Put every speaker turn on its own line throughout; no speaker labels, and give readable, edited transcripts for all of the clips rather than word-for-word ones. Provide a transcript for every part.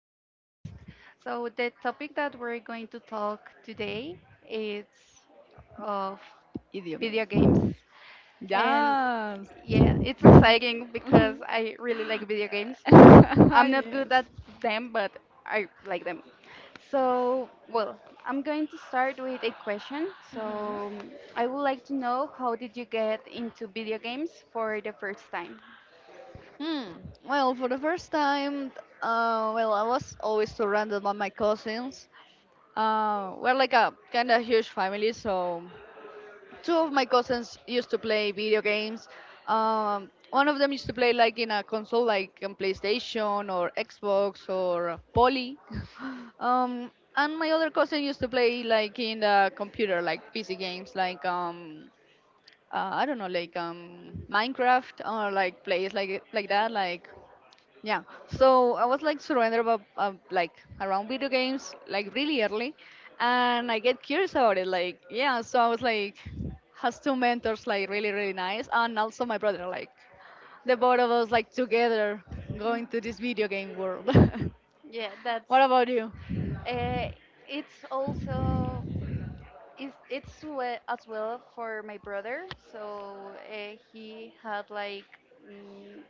podcast. So the topic that we're going to talk today is of
Idiome.
video games. And
Yes.
yeah, it's exciting because I really like video games. I'm not good
yes.
at them, but I like them. So, well, I'm going to start with a question. So, I would like to know how did you get into video games for the first time?
Hmm. Well, for the first time, well, I was always surrounded by my cousins. We're like a kind of huge family, so two of my cousins used to play video games. One of them used to play like in a console, like on PlayStation or Xbox or Poly. um, and my other cousin used to play like in the computer, like PC games, like, I don't know, like Minecraft or like plays like that, like yeah. So I was like surrendered about like around video games like really early, and I get curious about it. Like yeah, so I was like has two mentors like really really nice, and also my brother like the both of us like together going to this video game world.
Yeah, that's
What about you?
uh, it's also it's as well for my brother. So he had like mm,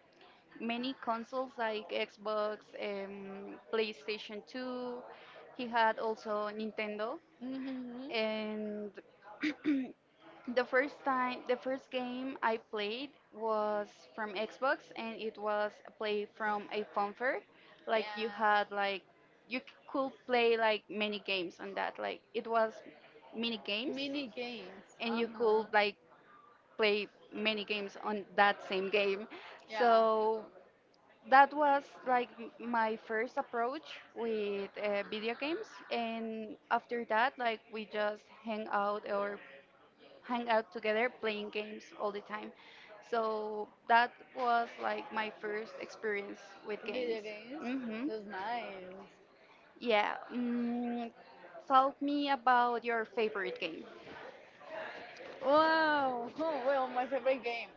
many consoles like Xbox, PlayStation 2. He had also Nintendo,
hmm
and the first game I played was from Xbox, and it was a play from a phone fair. Like you had like you could play like many games on that. Like it was mini games,
Mini games.
and
Uh
you could
huh.
like play many games on that same game.
Yeah.
So that was like my first approach with video games, and after that, like we just hang out together playing games all the time. So that was like my first experience with games.
Video games.
hmm
That's nice.
Yeah. Tell me about your favorite game.
Wow. Oh, well, my favorite game.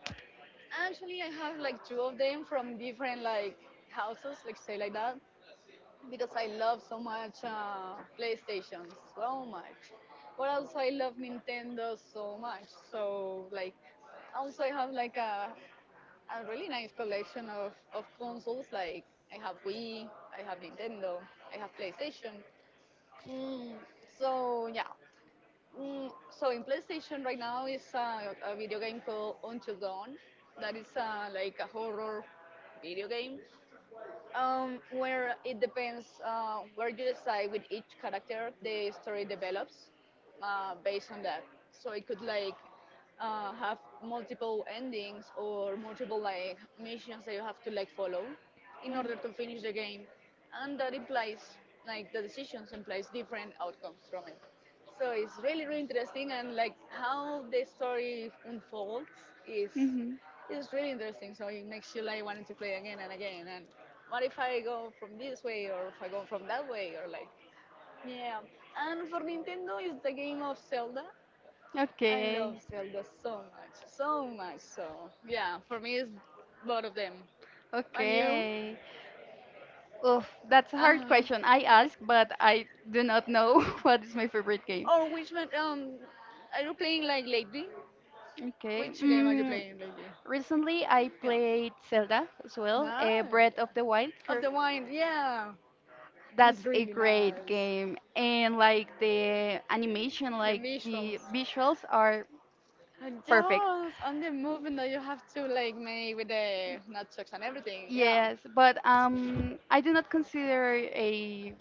Actually, I have like two of them from different like houses, like say like that, because I love so much PlayStation so much. But also I love Nintendo so much. So like, also I have like a really nice collection of consoles. Like I have Wii, I have Nintendo, I have PlayStation. Mm, so yeah, so in PlayStation right now is a video game called Until Dawn. That is like a horror video game where it depends where you decide with each character the story develops based on that. So it could like have multiple endings or multiple like missions that you have to like follow in
Mm.
order to finish the game, and that implies like the decisions implies different outcomes from it. So it's really really interesting and like how the story unfolds is
Mhm.
is really interesting. So it makes you like wanting to play again and again. And what if I go from this way or if I go from that way or like yeah. And for Nintendo, it's the game of Zelda. I love
Okay.
Zelda so much, so much. So yeah, for me, it's both of them. And you?
Okay. Oh, that's a hard
Uh,
question. I ask, but I do not know what is my favorite game.
or which one? Are you playing like lately?
Okay.
Which game are you playing lately?
Recently, I
Yeah.
played Zelda as well,
Nice.
Breath of the Wild.
Of the wine, yeah. It's
That's a
really
great
nice.
game, and like the animation,
The
like the
missions.
visuals are
And
perfect.
yes, and the movement that you have to like make with the nunchucks and everything. Yeah.
Yes, but I do not consider a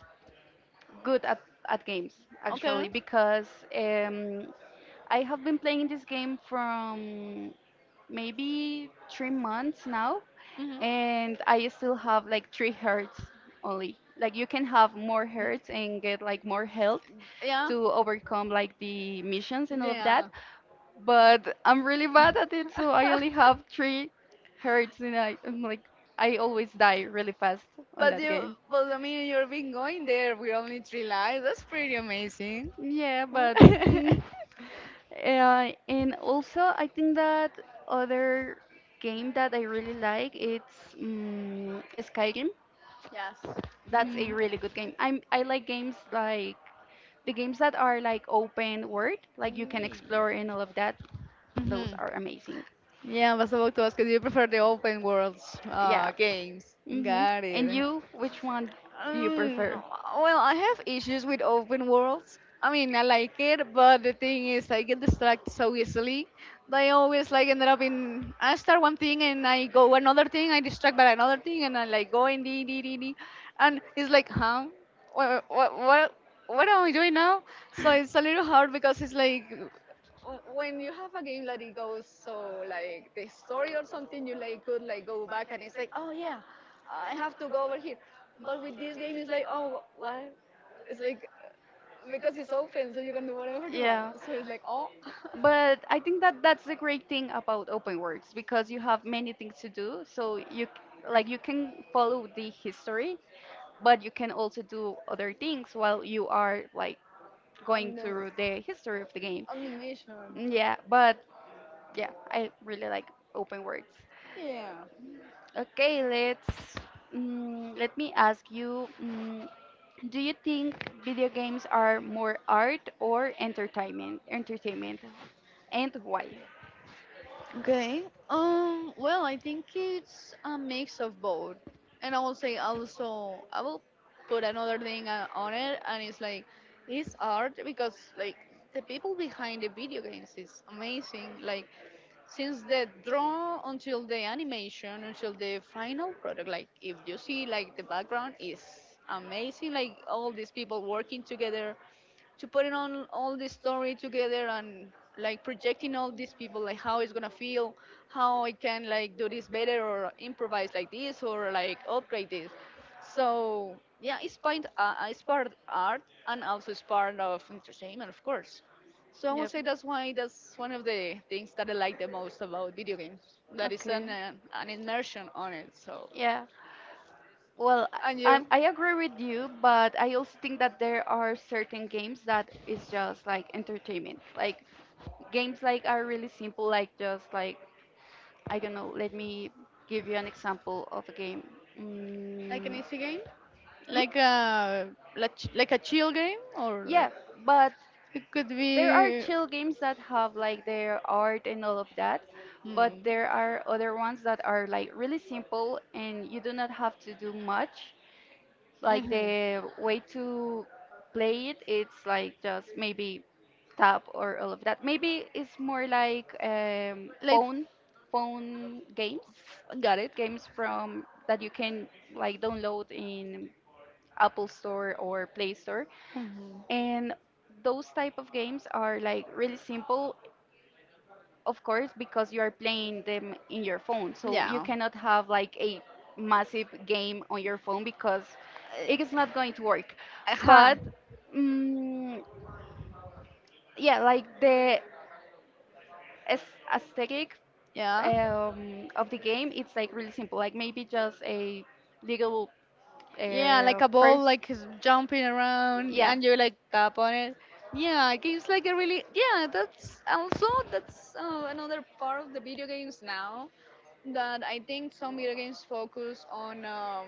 good at, at games
Okay.
actually because um, I have been playing this game from maybe 3 months now,
hmm
and I still have like 3 hearts only. Like you can have more hearts and get like more health
Yeah.
to overcome like the missions and all of that,
Yeah.
but I'm really bad at it, so I only have 3 hearts, and I'm like, I always die really fast on
But
that
you,
game.
but I mean, you've been going there with only three lives. That's pretty amazing.
Yeah, but mm, and also I think that other game that I really like it's Skyrim.
Yes.
That's a
Mm-hmm.
really good game. I like games like the games that are like open world, like you can explore and all of that. Those are amazing.
Yeah, I was about to ask, do you prefer the open worlds
Yeah.
games?
Mhm.
Got
And
it.
you, which one do you
Um,
prefer?
well, I have issues with open worlds. I mean, I like it, but the thing is, I get distracted so easily. They always like ended up in I start one thing and I go another thing, I distract by another thing, and I like go and dee dee dee dee, and it's like, huh, what what am I doing now? So it's a little hard because it's like when you have a game that it goes so like the story or something, you like could like go back and it's like, oh yeah, I have to go over here. But with this game, it's like, oh, what? It's like because it's open, so you can do whatever you want.
Yeah.
So it's like, oh, But
But I think that that's the great thing about open works because you have many things to do. So like you can follow the history, but you can also do other things while you are like going
on the
through the history of the game.
on the mission.
Mm, Yeah, but yeah, I really like open works.
Yeah.
Okay, let's let me ask you. Do you think video games are more art or entertainment? Entertainment, and why?
Okay. Well, I think it's a mix of both, and I will say also I will put another thing on it, and it's like it's art because like the people behind the video games is amazing. Like since the draw until the animation until the final product, like if you see like the background is amazing, like all these people working together to put it on all this story together, and like projecting all these people like how it's gonna feel, how I can like do this better or improvise like this or like upgrade this. So yeah, it's part, it's part art, and also it's part of entertainment, of course. So I would
Yep.
say that's why that's one of the things that I like the most about video games. That is
Okay.
an immersion on it. So
Yeah. Well,
and
I,
you
I agree with you, but I also think that there are certain games that is just like entertainment. Like games like are really simple, like just like I don't know. Let me give you an example of a game.
like an
Mm.
easy game,
Mm?
like a like, like a chill game or
Yeah,
like
but
it could
there are
be.
chill games that have like their art and all of that,
Hmm.
but there are other ones that are like really simple and you do not have to do much. Like
hmm
the way to play it, it's like just maybe tap or all of that. Maybe it's more like
Like,
phone games,
got it.
games from that you can like download in Apple Store or Play Store.
hmm
And those type of games are like really simple of course, because you are playing them in your phone, so you
Yeah.
cannot have like a massive game on your phone because it is not going to work.
Uh huh.
But mm yeah, like the aesthetic
Yeah.
of the game, it's like really simple. Like maybe just a little
Yeah, like a
purse.
ball, like is jumping around,
Yeah.
and you like tap on it. Yeah, games like a really yeah. That's also that's another part of the video games now that I think some video games focus on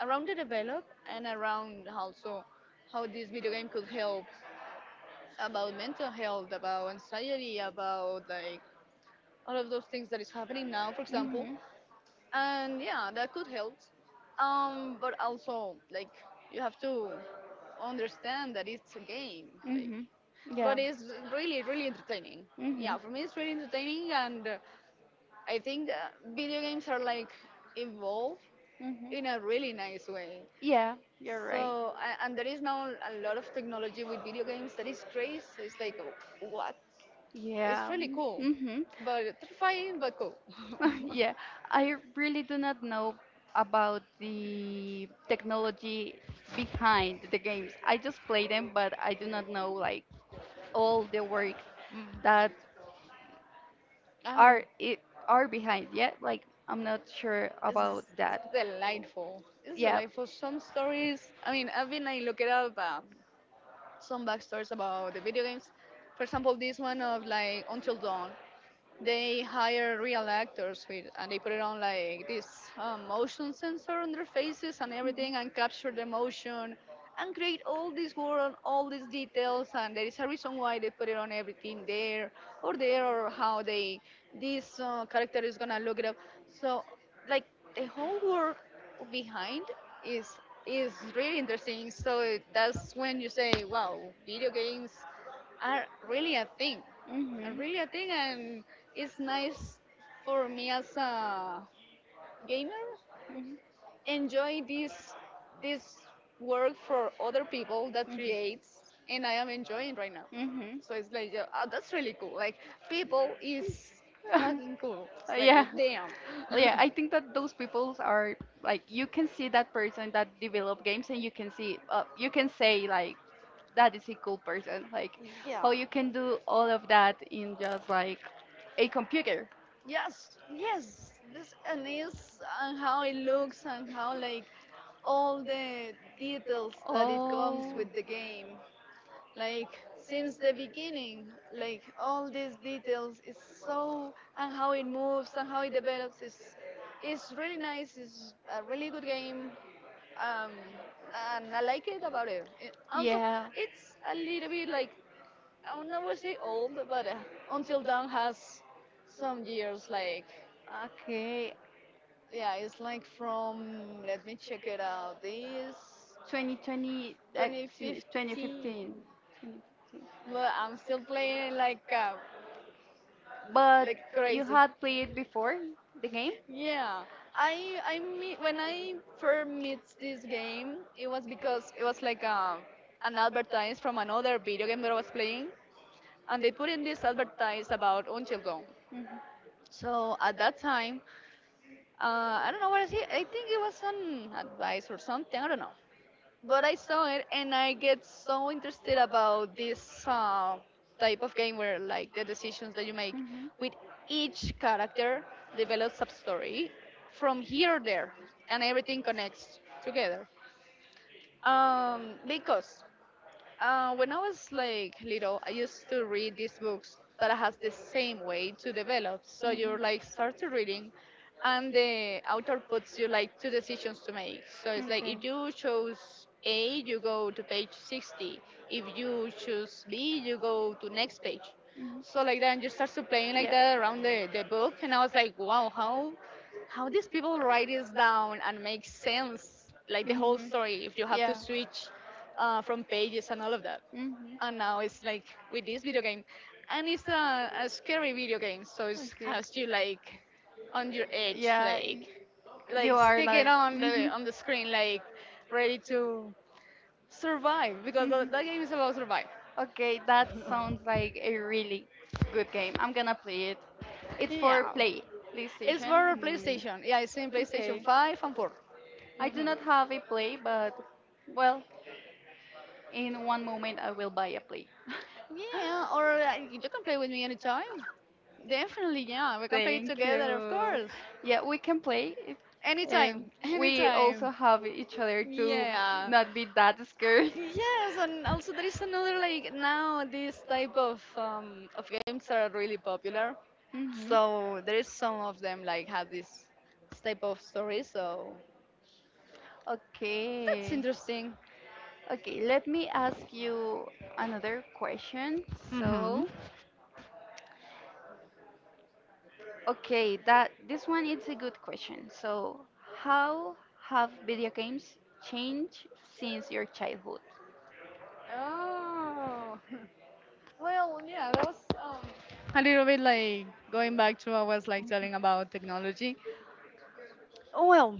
around the develop and around also how this video game could help about mental health, about anxiety, about like all of those things that is happening now. For example,
Mhm.
and yeah, that could help, um, but also like you have to understand that it's a game, like,
Mhm. Yeah.
but it's really really entertaining,
Mhm.
yeah, for me it's really entertaining, and I think video games are like evolved
Mhm.
in a really nice way.
Yeah, you're right.
So and there is now a lot of technology with video games that is crazy. It's like what, it's
Yeah.
really cool
Mm-hmm.
but terrifying but cool.
Yeah. I really do not know about the technology behind the games. I just play them, but I do not know like all the work
Mm.
that Uh-huh.
Oh,
are it are behind. Yeah, like I'm not sure
it's
about that.
delightful. It's
Yeah.
delightful. Some stories, I mean, I've been like looking up some backstories about the video games. For example, this one of like Until Dawn, they hire real actors with and they put it on like this motion sensor on their faces and everything and
Mhm.
capture the motion and create all this world, all these details, and there is a reason why they put it on everything there or there or how they this character is gonna look it up. So like the whole world behind is is really interesting. So that's when you say wow, video games are really a thing,
Mhm.
really a thing, and it's nice for me as a gamer. Enjoy this this work for other people that
Mhm.
creates, and I am enjoying right now.
Mhm.
So it's like, yeah, oh, that's really cool. Like people is
Mhm.
fucking cool. It's like,
yeah.
damn.
Yeah,
Yeah,
I think that those peoples are like you can see that person that develop games and you can see you can say like that is a cool person like
yeah.
how you can do all of that in just like a computer.
Yes, yes, this and is and how it looks and how like all the details that it comes
Oh.
with the game. Like since the beginning, like all these details is so and how it moves and how it develops is really nice. It's a really good game. Um, and I like it about it. It also,
Yeah.
it's a little bit like I would never say old, but Until Dawn has some years like
Okay.
yeah, it's like from, let me check it out, this 2015.
2015. 2015.
But I'm still playing it
But
like
you
crazy.
had played before the game?
Yeah, I meet, when I first met this game, it was because it was like an advertise from another video game that I was playing, and they put in this advertise about Until Dawn.
Mhm.
So at that time, I don't know what I see. I think it was an advice or something. I don't know. But I saw it and I get so interested about this type of game where like the decisions that you make
Mhm.
with
Mhm.
each character develops a story from here or there and everything connects together. Because when I was like little, I used to read these books that has the same way to develop. So you're like start to reading, and the author puts you like two decisions to make. So it's like if
Okay.
you chose A, you go to page 60. If you choose B, you go to next page. So like that, and you start to playing like that around the book, and I was like, wow, how these people write this down and make sense, like the whole
Mhm.
story, if you
Yeah. Mhm.
have to
Yeah.
switch from pages and all of that.
hmm
And now it's like with this video game, and it's a scary video
Okay.
game, so it has you like on your edge,
Yeah, you
like
are
stick
like.
it on the
hmm
on the screen, like ready to survive because
hmm
that game is about survive.
Okay, that sounds like a really good game. I'm gonna play it. It's
Yeah,
for Play,
it's for
PlayStation. Mm.
PlayStation. Yeah, it's in PlayStation
Okay.
5 and 4.
I
hmm
do not have a Play, but well, in one moment I will buy a Play.
Yeah, or you can play with me anytime. Definitely, yeah. We can play it
Thank
together, of
you.
course.
Yeah, we can play, it,
Anytime,
and we
anytime.
also have each other to
Yeah.
not be that scared.
Yes, and also there is another like now this type of games are really popular.
Mhm.
So there is some of them like have this type of story. So that's
Okay.
interesting.
Okay, let me ask you another question.
Mm-hmm.
So, okay, that this one is a good question. So, how have video games changed since your childhood?
Oh. Well, yeah, that was um, a little bit like going back to what I was like telling about technology. Well,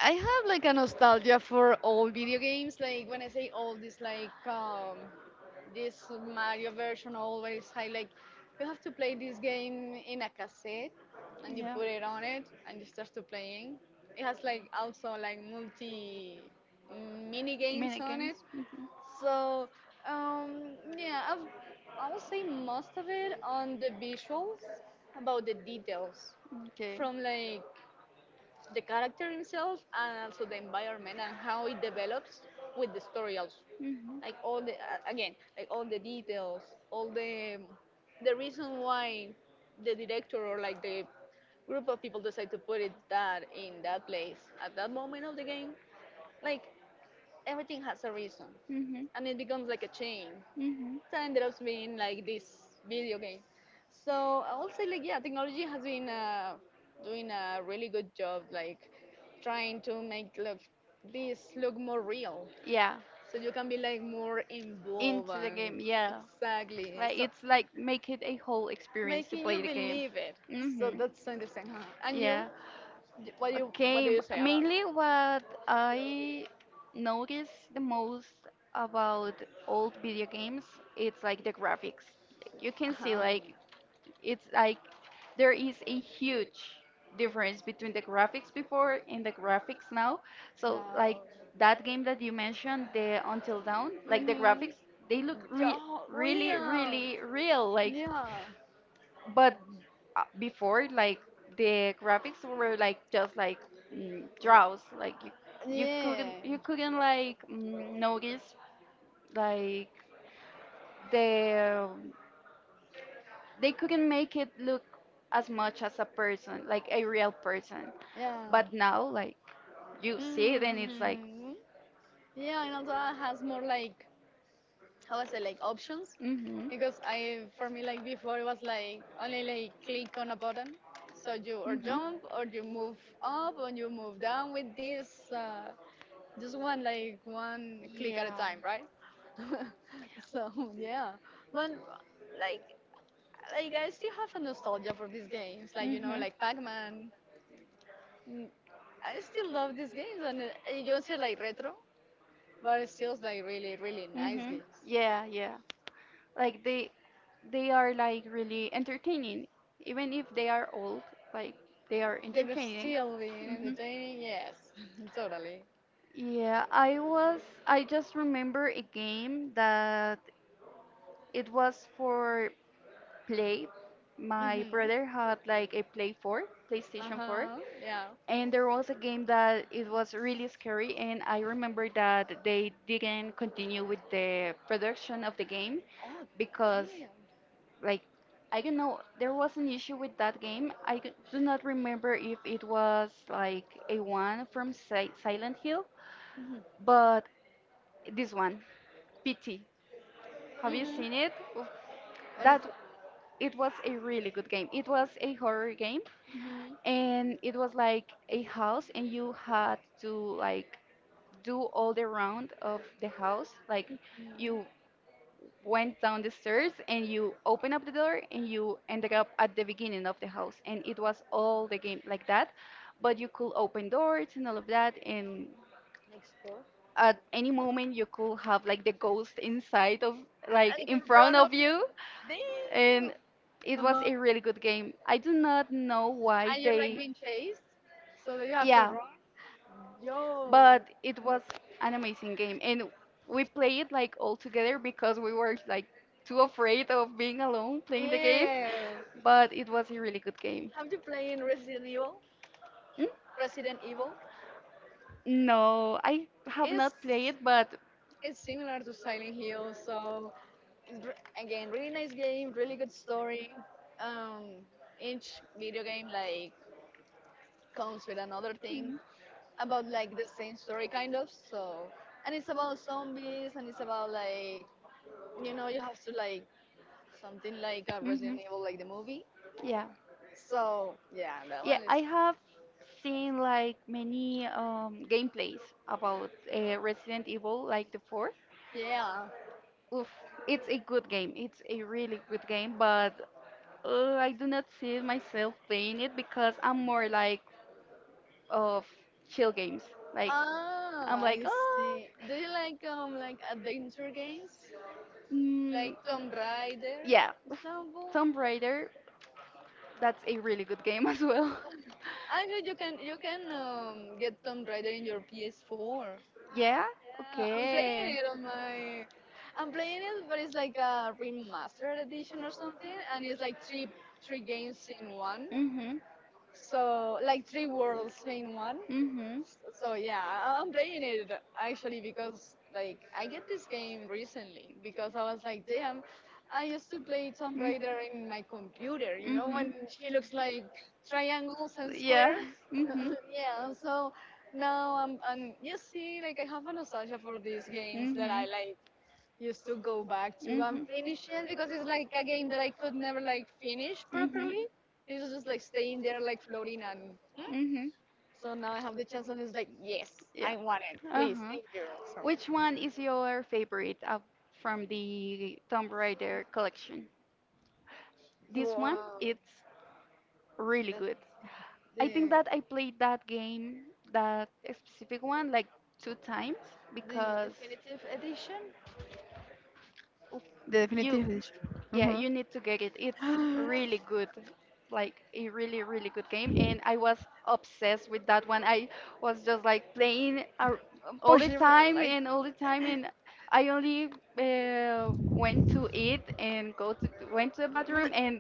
I have like a nostalgia for old video games. Like when I say old, it's like this Mario version always. I like you have to play this game in a cassette, and you
Yeah.
put it on it, and you start to playing. It has like also like multi mini games
Mini
on
games.
it. So yeah, I would say most of it on the visuals about the details
Okay.
from like the character himself and also the environment and how it develops with the story also
hmm
like all the again like all the details all the reason why the director or like the group of people decide to put it that in that place at that moment of the game like everything has a reason,
hmm
and it becomes like a chain.
hmm
It ended up being like this video game. So I will say like yeah, technology has been doing a really good job, like trying to make look this look more real,
Yeah.
so you can be like more involved
Into the game.
and yeah.
Yeah.
Exactly.
Like
So
it's like make it a whole experience to
making you
play the game.
believe it. So
hmm
that's interesting, huh? And you,
Yeah.
What
Okay.
do you say about?
Mainly what I notice the most about old video games, it's like the graphics. You can see like
Um,
it's like there is a huge difference between the graphics before and the graphics now. So like that
yeah.
game that you mentioned, the Until Dawn, like the
Mm-hmm.
graphics, they look
Yeah,
really,
real.
really real.
Yeah.
Like,
Yeah.
but before, like the graphics were like just like
Yeah.
draws. Like you couldn't like notice like the they couldn't make it look as much as a person, like a real person. But now, like, you see it and it's like,
Mhm. Yeah, and also has more like how I say like options
mm-hmm.
because I for me like before it was like only like click on a button so you or
Mm-hmm.
jump or you move up or you move down with this uh, just one like one click at a
Yeah.
time, right? So yeah, but like like I still have a nostalgia for these games like you know
Mm-hmm.
like Pac-Man. Mm, I still love these games and you don't say like retro, but it's still like really really nice
Mm-hmm.
games.
Yeah, yeah. Like they are like really entertaining even if they are old like they are
They will
entertaining.
still be
hmm
entertaining, yes, totally.
yeah, I just remember a game that it was for play my
Hmm.
brother had like a
Uh
playstation 4,
huh, yeah.
and there was a game that it was really scary, and I remember that they didn't continue with the production of the game
Oh,
because
damn.
like I don't know. There was an issue with that game. I do not remember if it was like a one from Silent Hill,
Hmm.
but this one, PT. Have you
Hmm.
seen it? Oof, that it was a really good game. It was a horror game,
Hmm.
and it was like a house, and you had to like do all the round of the house. Like
And you
you went down the stairs and you open up the door and you ended up at the beginning of the house and it was all the game like that, but you could open doors and all of that, and
explore,
at any moment you could have like the ghost inside of
like,
like
and
in
you're
front
run
of
over
you,
there.
and it was
Uh-huh.
a really good game. I do not know why
And you're like
they
being chased, so that you have to
yeah,
run. Yo,
but it was an amazing game, and we played it like all together because we were like too afraid of being alone playing the game,
yeah.
but it was a really good game.
Have you played Resident Evil?
Mm?
Resident Evil.
No, I have
It's
not played but
similar to Silent Hill, so and again, really nice game, really good story. Um, each video game like comes with another thing
mhm.
about like the same story kind of. So, and it's about zombies, and it's about like you know you have to like something like a Resident
Mhm.
Evil like the movie.
Yeah,
So yeah, that
yeah,
one is
I have seen like many gameplays about resident evil like the four.
yeah.
Oof, it's a good game. It's a really good game, but I do not see myself playing it because I'm more like of chill games. Like
Ah,
I'm like,
I
oh,
see. Do you like adventure games
mm,
like Tomb Raider,
yeah,
for example?
Tomb Raider. That's a really good game as well.
Actually, you can get Tomb Raider in your PS4.
Yeah.
I'm playing
Okay.
it on my. I'm playing it, but it's like a remastered edition or something, and it's like three games in one.
Mhm.
So like three worlds in one.
Mhm.
So yeah, I'm playing it actually because like I get this game recently because I was like, damn, I used to play Tomb Raider in my computer. You know
Mhm.
when she looks like triangles and
Yeah.
squares.
Mhm. Mhm.
Yeah, so now I'm, and you see, like I have a nostalgia for these games
Mhm.
that I
Mhm.
like used to go back to and finish it because it's like a game that I could never like finish
Mhm.
properly. It was just like staying there, like floating, and so now I have the chance, and it's like, yes,
Yeah.
I want it,
Uh
please,
huh.
thank you. So,
Which one is your favorite from the Tomb Raider collection? This one,
wow.
it's really
The
good. I
the
think that I played that game, that specific one, like 2 times
the
because
definitive edition.
oof,
The
you
definitive edition.
yeah,
Mm-hmm.
you need to get it. It's really good. Like a really, really good game. And I was obsessed with that one. I was just like playing all the time and all the time. And I only uh, went to eat and go to went to the bathroom and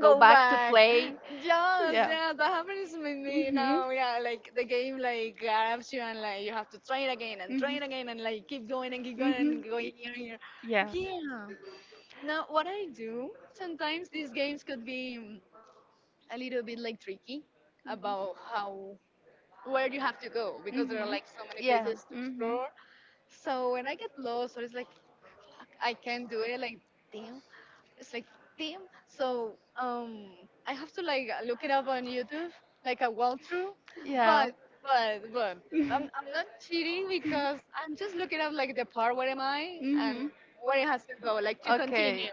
go
Go
back to
back to back, play.
play.
Yes. Yeah,
Yeah.
yes, that happens with me
Mhm.
now. Yeah, like the game like grabs you and like you have to try it again and try it again
Mhm.
and like keep going
Mhm.
and going here and here.
Yeah.
Yeah. Now what I do sometimes these games could be a little bit like tricky about how where you have to go because there are
Mhm.
like so many
Yeah.
places to
Mhm.
explore. So when I get lost or it's like I can't do it. Like, damn. It's like, damn. So, I have to like look it up on YouTube, like a walkthrough.
Yeah.
But, but,
mhm.
I'm not cheating because I'm just looking up like the part where am I and where it has to go, like to
Okay.
continue.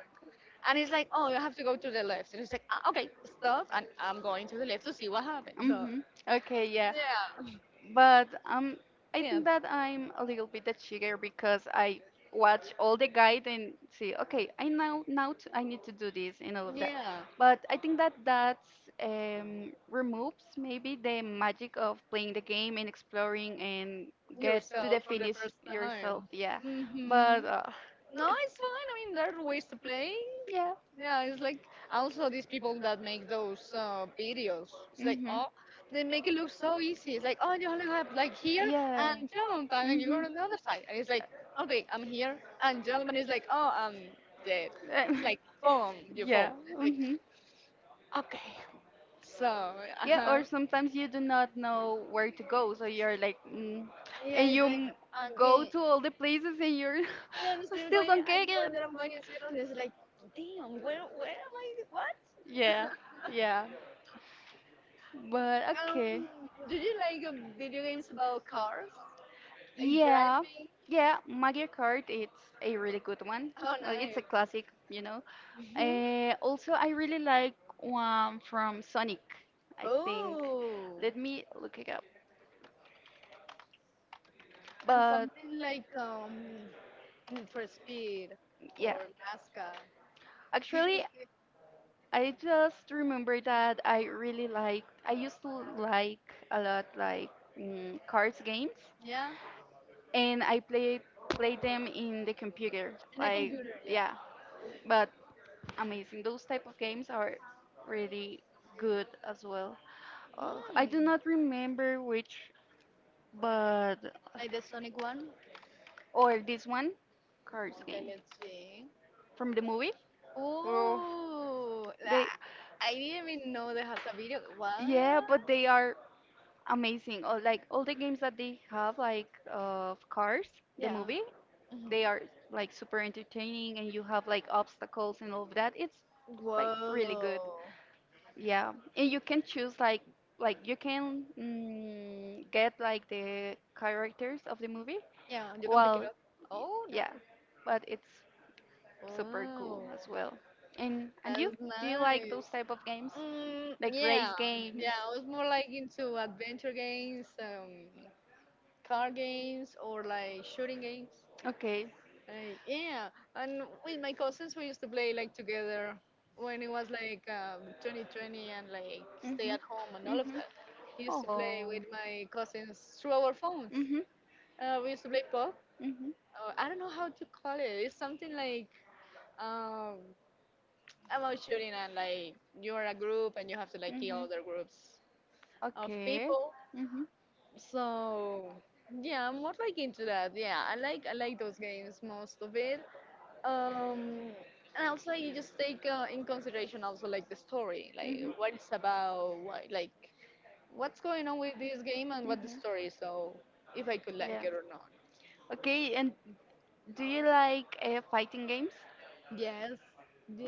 And it's like, oh, you have to go to the left. And it's like, ah, okay, stop. And I'm going to the left to see what happens. So,
Mhm. Okay, yeah.
yeah,
But
I
I think
can't.
that I'm a little bit a cheater because I watch all the guide and see, okay, I now now t- I need to do this and all of that.
Yeah,
But I think that that removes maybe the magic of playing the game and exploring and get to
yourself
the
for the
finish
first time.
yourself. Yeah,
Hmm.
but
No,
it's,
it's fine. I mean, there are ways to play.
yeah.
Yeah, it's like also these people that make those videos. It's like
Mhm.
oh, they make it look so easy. It's like oh, you only have like here and
Yeah.
jump, and you're
Mhm.
on the other side, and it's like okay, I'm here
Um,
and jump, and it's like oh, I'm dead. It's like boom, you
yeah.
fall. It's like
Mhm.
okay, so
Yeah.
uh-huh.
Or sometimes you do not know where to go, so you're like,
Yeah,
and
it's
you
like
m- go
again.
to all the places, and you're
Yeah, I'm
"I
still
still
going.
don't
I
get it.
remember that I'm going in circles. It's like, damn, where am I? What?
Yeah. Yeah. But
Um,
okay.
do you like video games about cars? Like
Yeah,
drive?
yeah, Mario Kart, it's a really good one.
Oh,
Well, it's a classic.
nice. Hmm.
Also, I really like one from Sonic, I think.
Oh,
Let me look it up.
and
But
something like Need for Speed
yeah,
or NASCAR.
actually, I just remember that I used to like a lot like cards games,
Yeah,
and I played them in the computer,
in a
like
computer.
yeah.
Yeah.
But amazing. Those type of games are really good as well. I do
Mm,
not remember which, but
like the Sonic one.
or this one, cards
Okay,
game
let's see.
from the movie. Oh,
Oh,
they
I didn't even know there has a video. What?
yeah, but they are amazing. Oh, like all the games that they have, like of Cars, the
Yeah.
movie,
Mhm.
they are like super entertaining, and you have like obstacles and all of that. It's like really good.
Whoa.
Yeah, and you can choose like you can get like the characters of the movie.
Yeah, you can pick it
Well,
up. Oh,
yeah,
nice.
but it's super cool
Oh,
as well. And you,
that's
do you like
nice.
those type of games?
Mm, yeah.
Like
Yeah,
race games?
yeah. I was more like into adventure games, car games, or like shooting games.
Okay.
Like, yeah, and with my cousins we used to play like together when it was like 2020 and like stay at
Mhm.
home and all of
Mhm.
that. We used to play
Oh.
with my cousins through our phones.
Mhm.
We used to play PUBG.
Mhm.
Oh, I don't know how to call it. It's something like um, about shooting and like you're a group and you have to like kill
Mhm.
other groups of
Okay.
people.
Mhm.
So yeah, I'm more like into that. Yeah, I like those games most of it. Um, and also you just take in consideration also like the story, like
Mhm.
what it's about, what like what's going on with this game and what the
Mhm.
story. So if I could like
Yeah.
it or not.
Okay, and do you like fighting games?
Yes,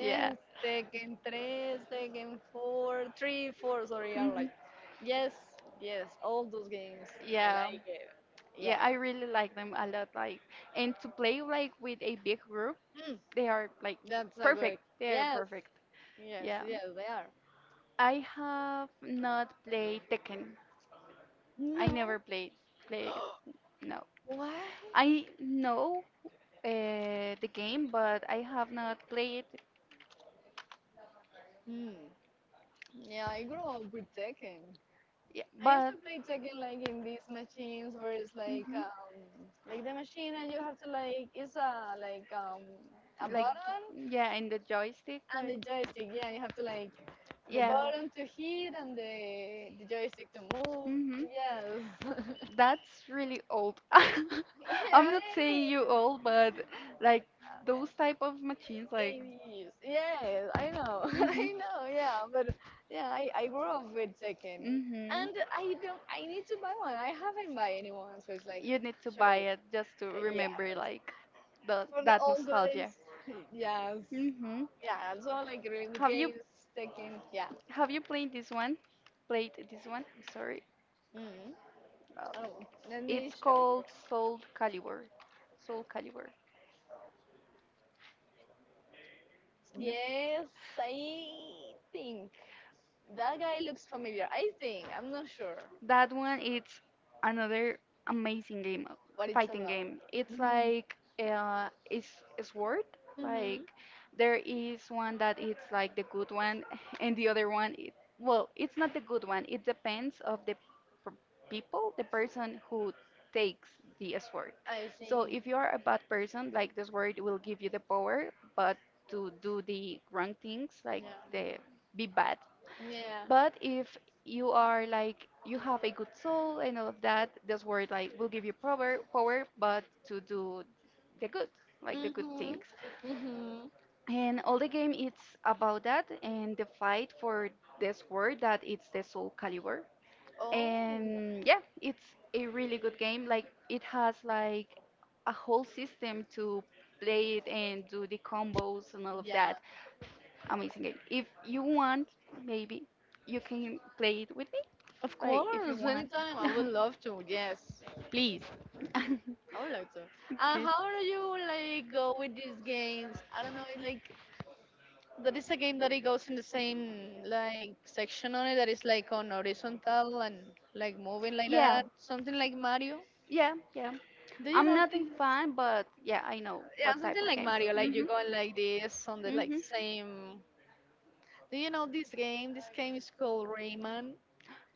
Yeah.
Tekken 3, Tekken 4, 3, 4, sorry, I like.
Mhm.
Yes, yes, all those games. I
Yeah.
like it. Yeah.
Yeah, I really like them a lot. Like, and to play like with a big group,
Mm,
they are like
that's a good.
perfect. They are
Yes,
perfect.
yes,
Yeah.
yes, they are.
I have not played Tekken.
No,
I never played it. No.
why?
I know the game, but I have not played it.
Hmm. Yeah, I grew up with Tekken.
Yeah,
I used to
but
play Tekken
mhm.
like in these machines where it's like the machine and you have to like it's a like a
Like
button.
yeah, and the joystick,
And the
like,
joystick, yeah, you have to like the
yeah.
button to hit and the joystick to move.
Mhm.
Yes.
That's really old.
Yeah,
I'm not
it
saying you old, but like
is.
those type of machines, like.
Things I it is. Yes, I know. I
Mhm.
know, yeah. But yeah, I grew up with Tekken. And I don't I need to buy one. I
Mhm.
haven't buy anyone, so it's like you
You need to
show
buy it just to
do. Yes.
remember like the
For the
that
old days.
nostalgia.
Yes.
hmm
Yeah, also like really good
Have you
games, Tekken, yeah.
have you played this one? Played this one? I'm sorry.
Mm.
Uh,
Oh, let me
it's
show you.
called Soul Calibur. Soul Calibur. No?
Yes, I think that guy looks familiar. I think I'm not sure
That one it's another amazing game,
what it's about.
fighting game. It's
Hmm.
like it's a sword. Like
Hmm.
there is one that it's like the good one, and the other one, well, it's not the good one. It depends of the p- people, the person who takes the sword.
I
So
see.
if you are a bad person, like the sword will give you the power, but to do the wrong things, like the be bad.
Yeah. Yeah.
But if you are like you have a good soul and all of that, this word like will give you power, but to do the good like the good
Hmm.
things,
Hmm.
and all the game it's about that, and the fight for this word that it's the Soul Caliber.
Oh.
And yeah, it's a really good game, like it has like a whole system to play it and do the combos and all of
Yeah.
that. Amazing game. If you want, maybe you can play it with me.
Of
Like if you
course.
want.
Anytime. I would love to. Yes. Please.
Okay.
I would like to. How do you like go with these games? I don't know. Like that is a game that it goes in the same like section on it that is like on horizontal and like moving like
Yeah,
that. Something like Mario.
yeah, yeah.
Do you
I'm
know
not
this?
a fan, but yeah, I know
Yeah,
what type
something
of
like
games.
Mario. Like you
Mhm.
go like this on the like
Mhm.
same. Do you know this game? This game is called Rayman.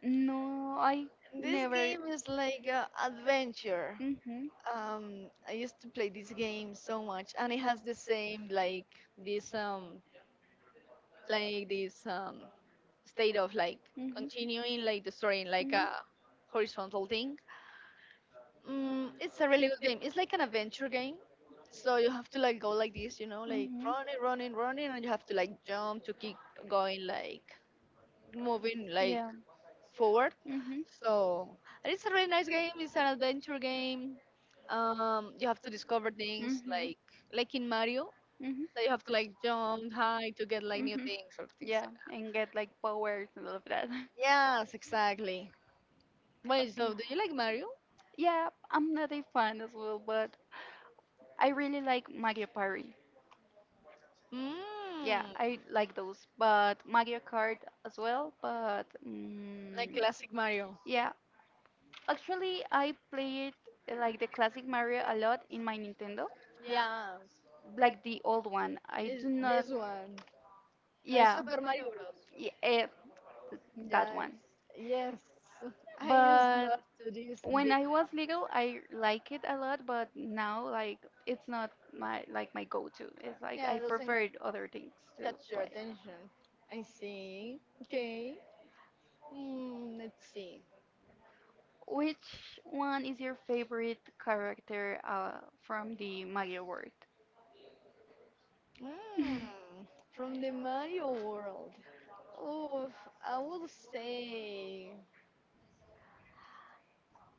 No, I
This
never.
game is like a adventure.
Mhm.
I used to play this game so much, and it has the same this um like this state of like
Mhm.
continuing like the story in like
Mhm.
a horizontal thing. It's a really good game. It's like an adventure game. So you have to like go like this, like
Mhm.
running, running, running, and you have to like jump to keep going, like moving like
Yeah.
forward.
Mhm.
So and it's a really nice game. It's an adventure game. You have to discover things
Mhm.
like in Mario
Mhm.
that you have to like jump high to get like new
Mhm.
things or things, like
Yeah, and get like powers and all of that.
yes, exactly. Wait, so do you like Mario?
Yeah, I'm not a fan as well, but I really like Mario Party.
Mm.
Yeah, I like those, but Mario Kart as well. But
Like classic Mario?
yeah, actually, I played like the classic Mario a lot in my Nintendo,
Yes.
like the old one. I
It's
do
this
not.
one. Like yeah.
Yeah,
Super Mario Bros.
yeah, that
Yes.
one.
Yes. I but used
But
love to do this when bit.
when I was little, I like it a lot, but now like it's not my go-to. It's like
Yeah, it
I
doesn't
preferred other things to
catch your
play.
attention. I see. Okay. Let's see.
Which one is your favorite character from the Mario world?
Mm, from the Mario world. Oof, I would say.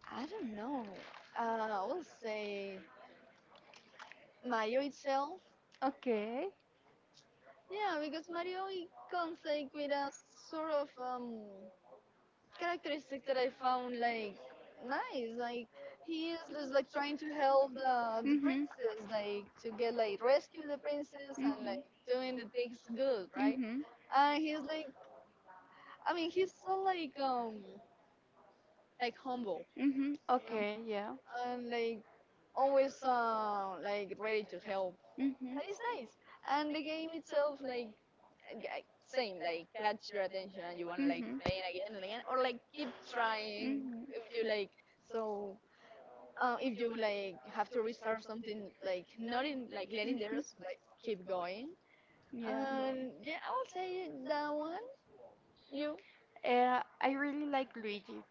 I don't know. I will say Mario itself.
Okay.
Yeah, because Mario it comes like with a sort of characteristic that I found like nice. Like he is just like trying to help the
Mhm.
princess, like to get like rescue the princess and like
Mhm.
doing the things good, right?
Mhm.
And he's like, I mean, he's so like humble,
Mhm.
you
Okay. Yeah.
know, and like always like ready to help.
Mhm.
It's nice, and the game itself, like g- same, like catch your attention, and you want to like play it again and again, or like keep trying
Mhm.
if you
Mhm.
like. So if you like have to restart something, like not in like letting the
Hmm.
like keep going,
Yeah.
and yeah, I will say that one. You,
one I really like Luigi.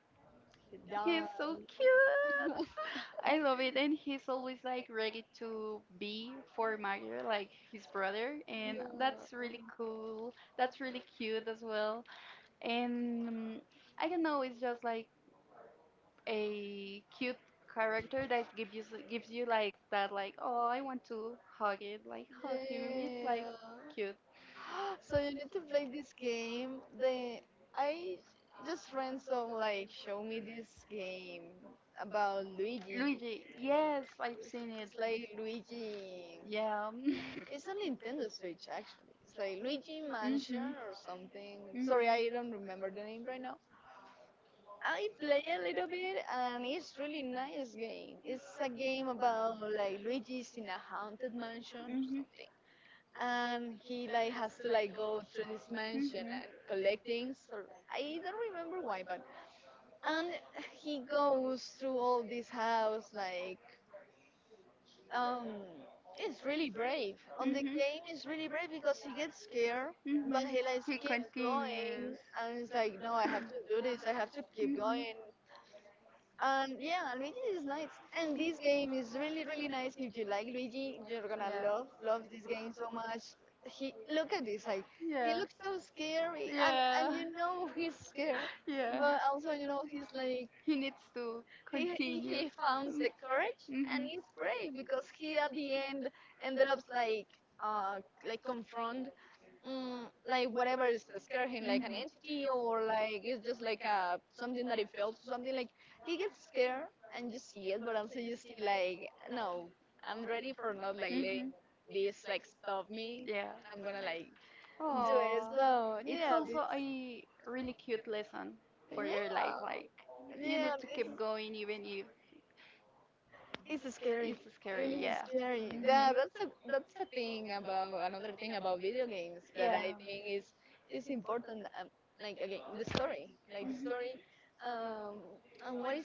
He
that.
He's so cute. I love it, and he's always like ready to be for Mario, like his brother,
Yeah.
and that's really cool. That's really cute as well. And I don't know, it's just like a cute character that gives you gives you like that, like oh, I want to hug it, like hug him. It's
Yeah.
like cute.
So you need to play this game. The I just friends some like show me this game about Luigi.
Luigi, yes, I've
It's,
seen it.
it's like Luigi.
Yeah.
It's a Nintendo Switch actually. It's like Luigi
Mhm.
Mansion
Mhm.
or something. Sorry, I don't
Mhm.
remember the name right now. I play a little bit and it's really nice game. It's a game about like Luigi's in a haunted mansion or something, and he like has to like go through this mansion and collect things or I don't remember why, but and he goes through all this house like um it's really brave on
Mhm.
the
Mhm.
game. It's really brave because he gets scared, but he like
He
keeps going,
continues.
and it's like no, I have to do this, I have to keep going. Yeah, Luigi is nice, and this game is really, really nice. If you like Luigi,
Mhm.
you're gonna
Yeah.
love, love this game so much. He look at this, like he
Yeah.
looks so scary, and
Yeah.
you know he's scared,
Yeah.
but also you know he's like
He needs to
he he
continue.
he found
Mm.
the
Mhm.
courage and
Mhm.
he's brave
Mhm.
because he at the end
Yeah.
ended up uh like confront like
Oh,
whatever is scared him, like an entity or like it's just like a something that he felt, or something like he gets scared and you see it, but also you see like no, I'm ready for not like letting this like stop me. I'm gonna like do it. So yeah,
it's
this
also a really cute lesson for your
yeah
life. Like,
yeah.
you need to
This,
keep going even if
it's scary.
it's
It
scary.
really is
Yeah.
scary. Yeah,
Mhm.
that's a thing about another thing about video games that, yeah,
Yeah.
I think is important. Like again, the story, like the story, um, and what is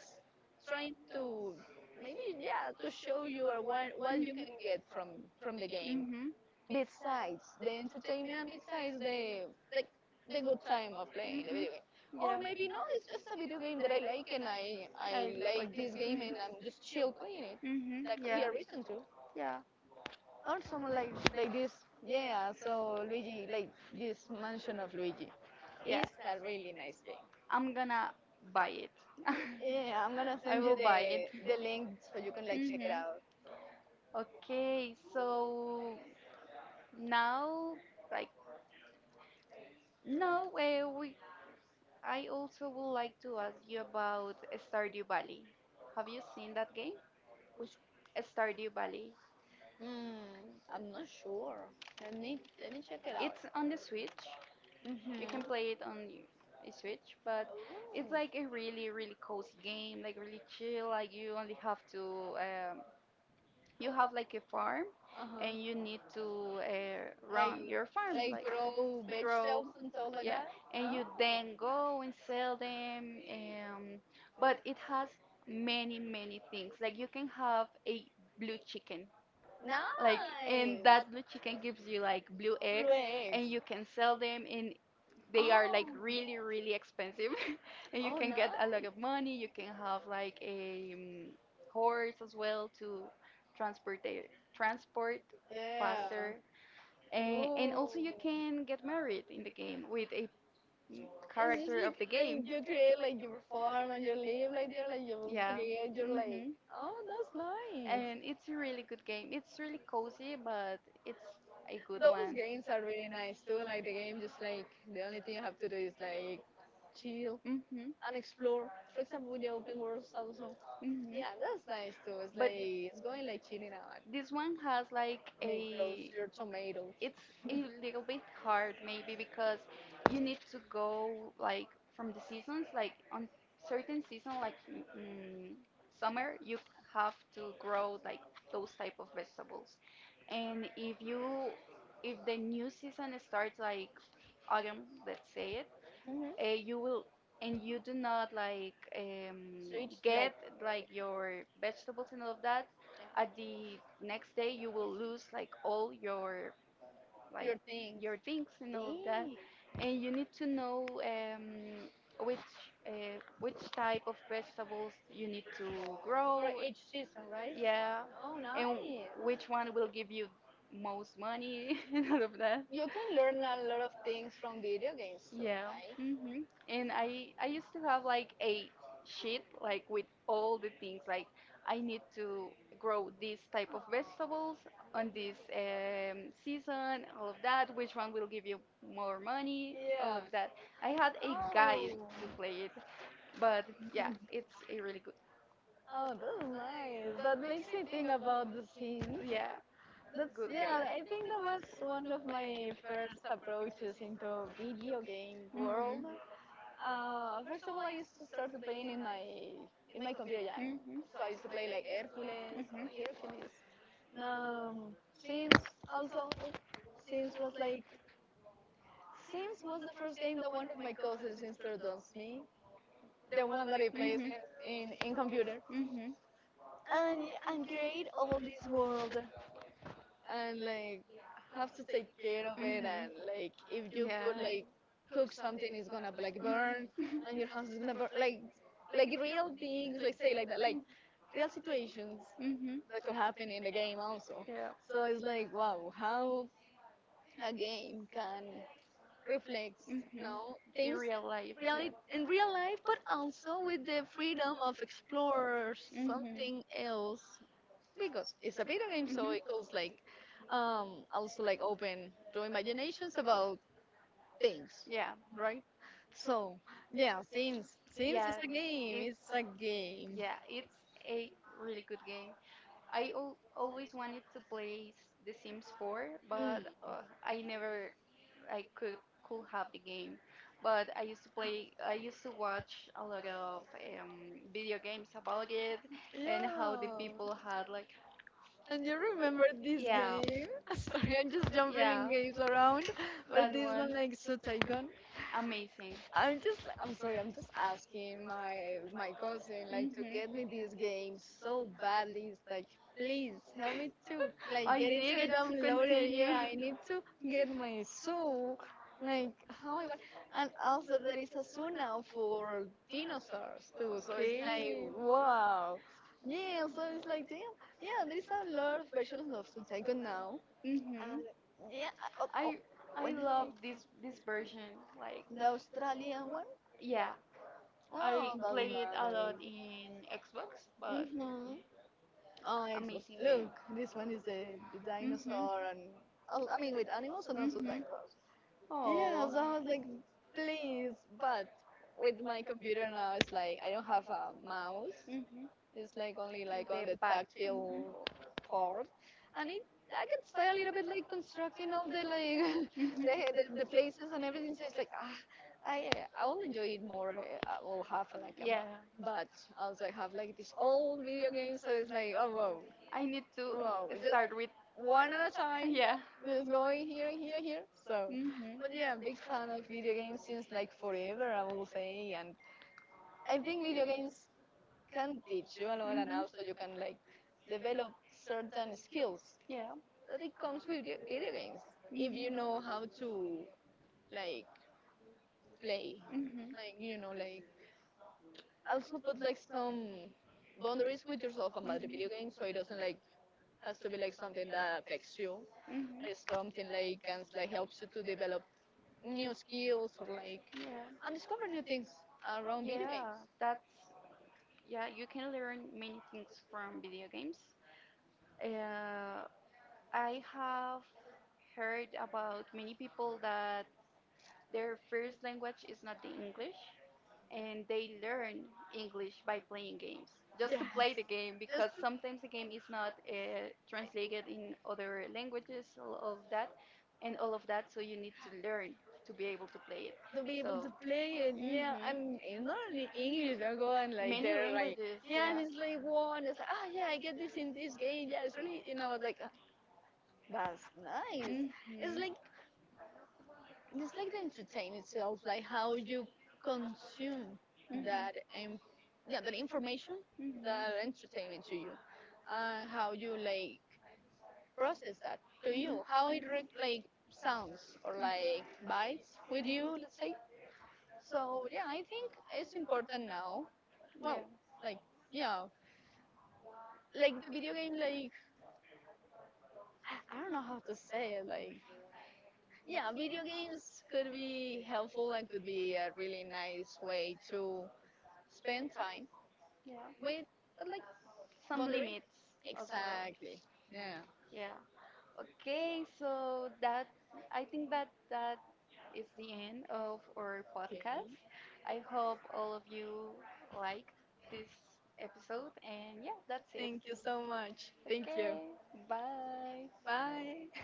trying to maybe yeah to show you, or what you can get from the game
Hmm.
besides the entertainment and besides the like the good time of playing the video
Game.
game, or maybe no, it's just a video game that I like, and I like this game and I'm just chill playing it.
Hmm.
That could be a reason too,
Yeah.
or someone like this. Yeah, so Luigi like this mansion of Luigi is a really nice
Game.
game.
I'm gonna buy it.
Yeah,
Yeah.
I'm gonna send you the link so you can like check
Hmm.
it
Out.
out.
Okay, so now, like, now uh, we, I also would like to ask you about Stardew Valley. Have you seen that game?
Which?
Stardew Valley.
mm, I'm not sure. Let me check it out.
It's on the Switch.
Mm-hmm.
You can play it on the Switch, but it's like a really, really cozy game, like really chill. Like you only have to, you have like a farm,
Uh-huh.
and you need to like
Like
run your
like
farm, like
grow vegetables and stuff like
yeah,
that?
and you then go and sell them, um, but it has many many things, like you can have a blue chicken,
Grow
like, and
eggs.
that blue chicken gives you like blue, and you can sell them, and they are like really really expensive, and you can get a lot of nice money. You can have like a um, horse as well to transport transport
Yeah.
faster, and,
Ooh.
and also you
It's
can get married in the game with a mm,
just
character of the
like
game.
you create like your farm and you live like there, like you
Yeah.
create your like
hmm
oh, that's nice.
and it's a really good game, it's really cozy, but it's a good
Those
one.
games are really nice too. Like the game, just like the only thing you have to do is like chill
hmm
and explore. For example, with the open worlds also.
hmm
Yeah, that's nice too. It's
but
like it's going like chilling out and
this one has like
make those
a,
your tomatoes.
it's a little bit hard maybe because you need to go like from the seasons, like on certain season, like summer you have to grow like those type of vegetables, and if the new season starts, like autumn, let's say it,
Hmm.
you will, and you do not like,
So each like
get like your vegetables and all of that,
yeah,
at the next day you will lose like all
your
like
thing.
your things and all of that.
Dang.
And you need to know, which which type of vegetables you need to grow.
For each season, right?
Yeah,
Oh, nice.
and which one will give you most money, and all of that.
You can learn a lot of things from video games too,
Yeah.
right?
Mhm. And I used to have like a sheet like with all the things like I need to grow this type of vegetables on this season, all of that. Which one will give you more money? All
Yeah.
of that. I had a guide to play it, but yeah, it's a really good.
Oh, that's nice. That makes me think about the scenes.
Yeah,
That's
good
yeah.
game.
I think that was one of my first approaches into video game world.
Mhm.
First of all, I used to start playing in my computer game.
Mhm. Mhm.
So I used to play like Hercules or Hercules. Sims also. Sims was like Sims was the first game that one of my cousins introduced me, the one that I plays
Mhm.
in, in computer,
Mhm.
and and create all this world, and like have to take care of it, and
Mhm.
like if you put
Yeah.
like cook something, it's gonna like burn,
Mhm.
and your house is gonna burn, like real things, like say like that, like real situations that could happen in the game also.
Yeah.
So it's like wow, how a game can reflect, you
Mhm.
know,
The
things
real life.
reali
Yeah.
in real life, but also with the freedom of explore something
Mhm.
else, because it's a video game, so it
Mhm.
goes like also like open to imaginations about things,
Yeah.
right? So yeah, Sims, Sims is
Yeah.
a game.
It's
It's a game.
Yeah, it's a really good game. I al always wanted to play The Sims 4,
Mm.
but I never I could have the game. But I used to play. I used to watch a lot of video games about it and how the
Yeah.
people had like
And you remember this
yeah,
game? Sorry, I'm just jumping in
yeah,
games around, but
that
this one
one
like so
amazing.
I'm just like, I'm sorry, I'm just asking my my cousin like to
Mhm.
get me this game so badly. It's like, please help me to like
I
get it to
needed to
download it. Yeah,
continue.
I need to get my soul. Like how I want, and also there is a sauna for dinosaurs too. So it's like,
Okay.
wow. Yeah, so it's like, damn. Yeah, there is a lot of versions of Sunsaigo now.
Mhm.
Yeah, oh, oh,
I
when
I love this version. Like
the Australian one
yeah,
I Oh, I
I
that's
play it a nice
play
lot in
nice. Xbox.
Xbox, but
Hmm. Oh, Xbox.
amazing
Look,
game.
this one is the
Mhm.
dinosaur and oh, I mean with animals and also
Mhm. Yes,
dinosaurs. Yeah, so
oh.
Oh, I was like, please, but with my computer now, it's like I don't have a mouse,
I mhm.
it's like only like on the
Pack. Mhm.
tactile part, and it I can stay a little bit like constructing all the like the,
Mhm.
the places and everything. So it's like ah, I will enjoy it more. Uh, I will have like a map,
Yeah.
but also I have like this old video game. So it's like oh wow,
I need to
wow, just
start with
one at a time.
yeah.
Just going here, here, here. So,
Mhm.
but yeah, I'm big fan of video games since like forever, I will say. And I think video games can teach you a lot, and also you
Mhm.
can like develop certain skills
Yeah.
that it comes with the- video games if you
Mhm.
know how to like play
Mhm.
like you know like also put like some boundaries with yourself about the video game so it doesn't like has to be like something that affects you,
Mhm.
or something like can like helps you to develop new skills or like and
Yeah.
discover new things around video
Yeah,
games.
that's yeah, you can learn many things from video games. Uh, I have heard about many people that their first language is not the English, and they learn English by playing games,
Yeah.
just to play the game,
Just
because sometimes the game is not translated in other languages, all of that, and all of that, so you need to learn to be able to play it.
to be able to
So,
play it. Yeah, and
mhm,
it's not only English. They'll go like
many
they're like,
languages,
yeah, and
yeah.
it's like one. It's like, oh yeah, I get this in this game. Yeah, it's really, you know, it's like "Ah, that's nice. It's like
Mhm.
it's like the entertainment itself, like how you consume that um, yeah, that information,
Mhm. Mhm.
that entertainment to you, how you like process that to you, how it re- like sounds or like vibes with you, let's say. So yeah, I think it's important now. Well,
Yeah.
like yeah, like the video game, like I don't know how to say it. Like yeah, video games could be helpful and could be a really nice way to spend time
Yeah.
with, but like
Some others,
boundary.
limits as well.
Exactly. Yeah.
Yeah. Okay, so that I think that is the end of our
Okay.
podcast. I hope all of you liked this episode, and yeah, that's it.
Thank you so much.
Thank
Thank
you.
you.
Okay, bye.
Bye.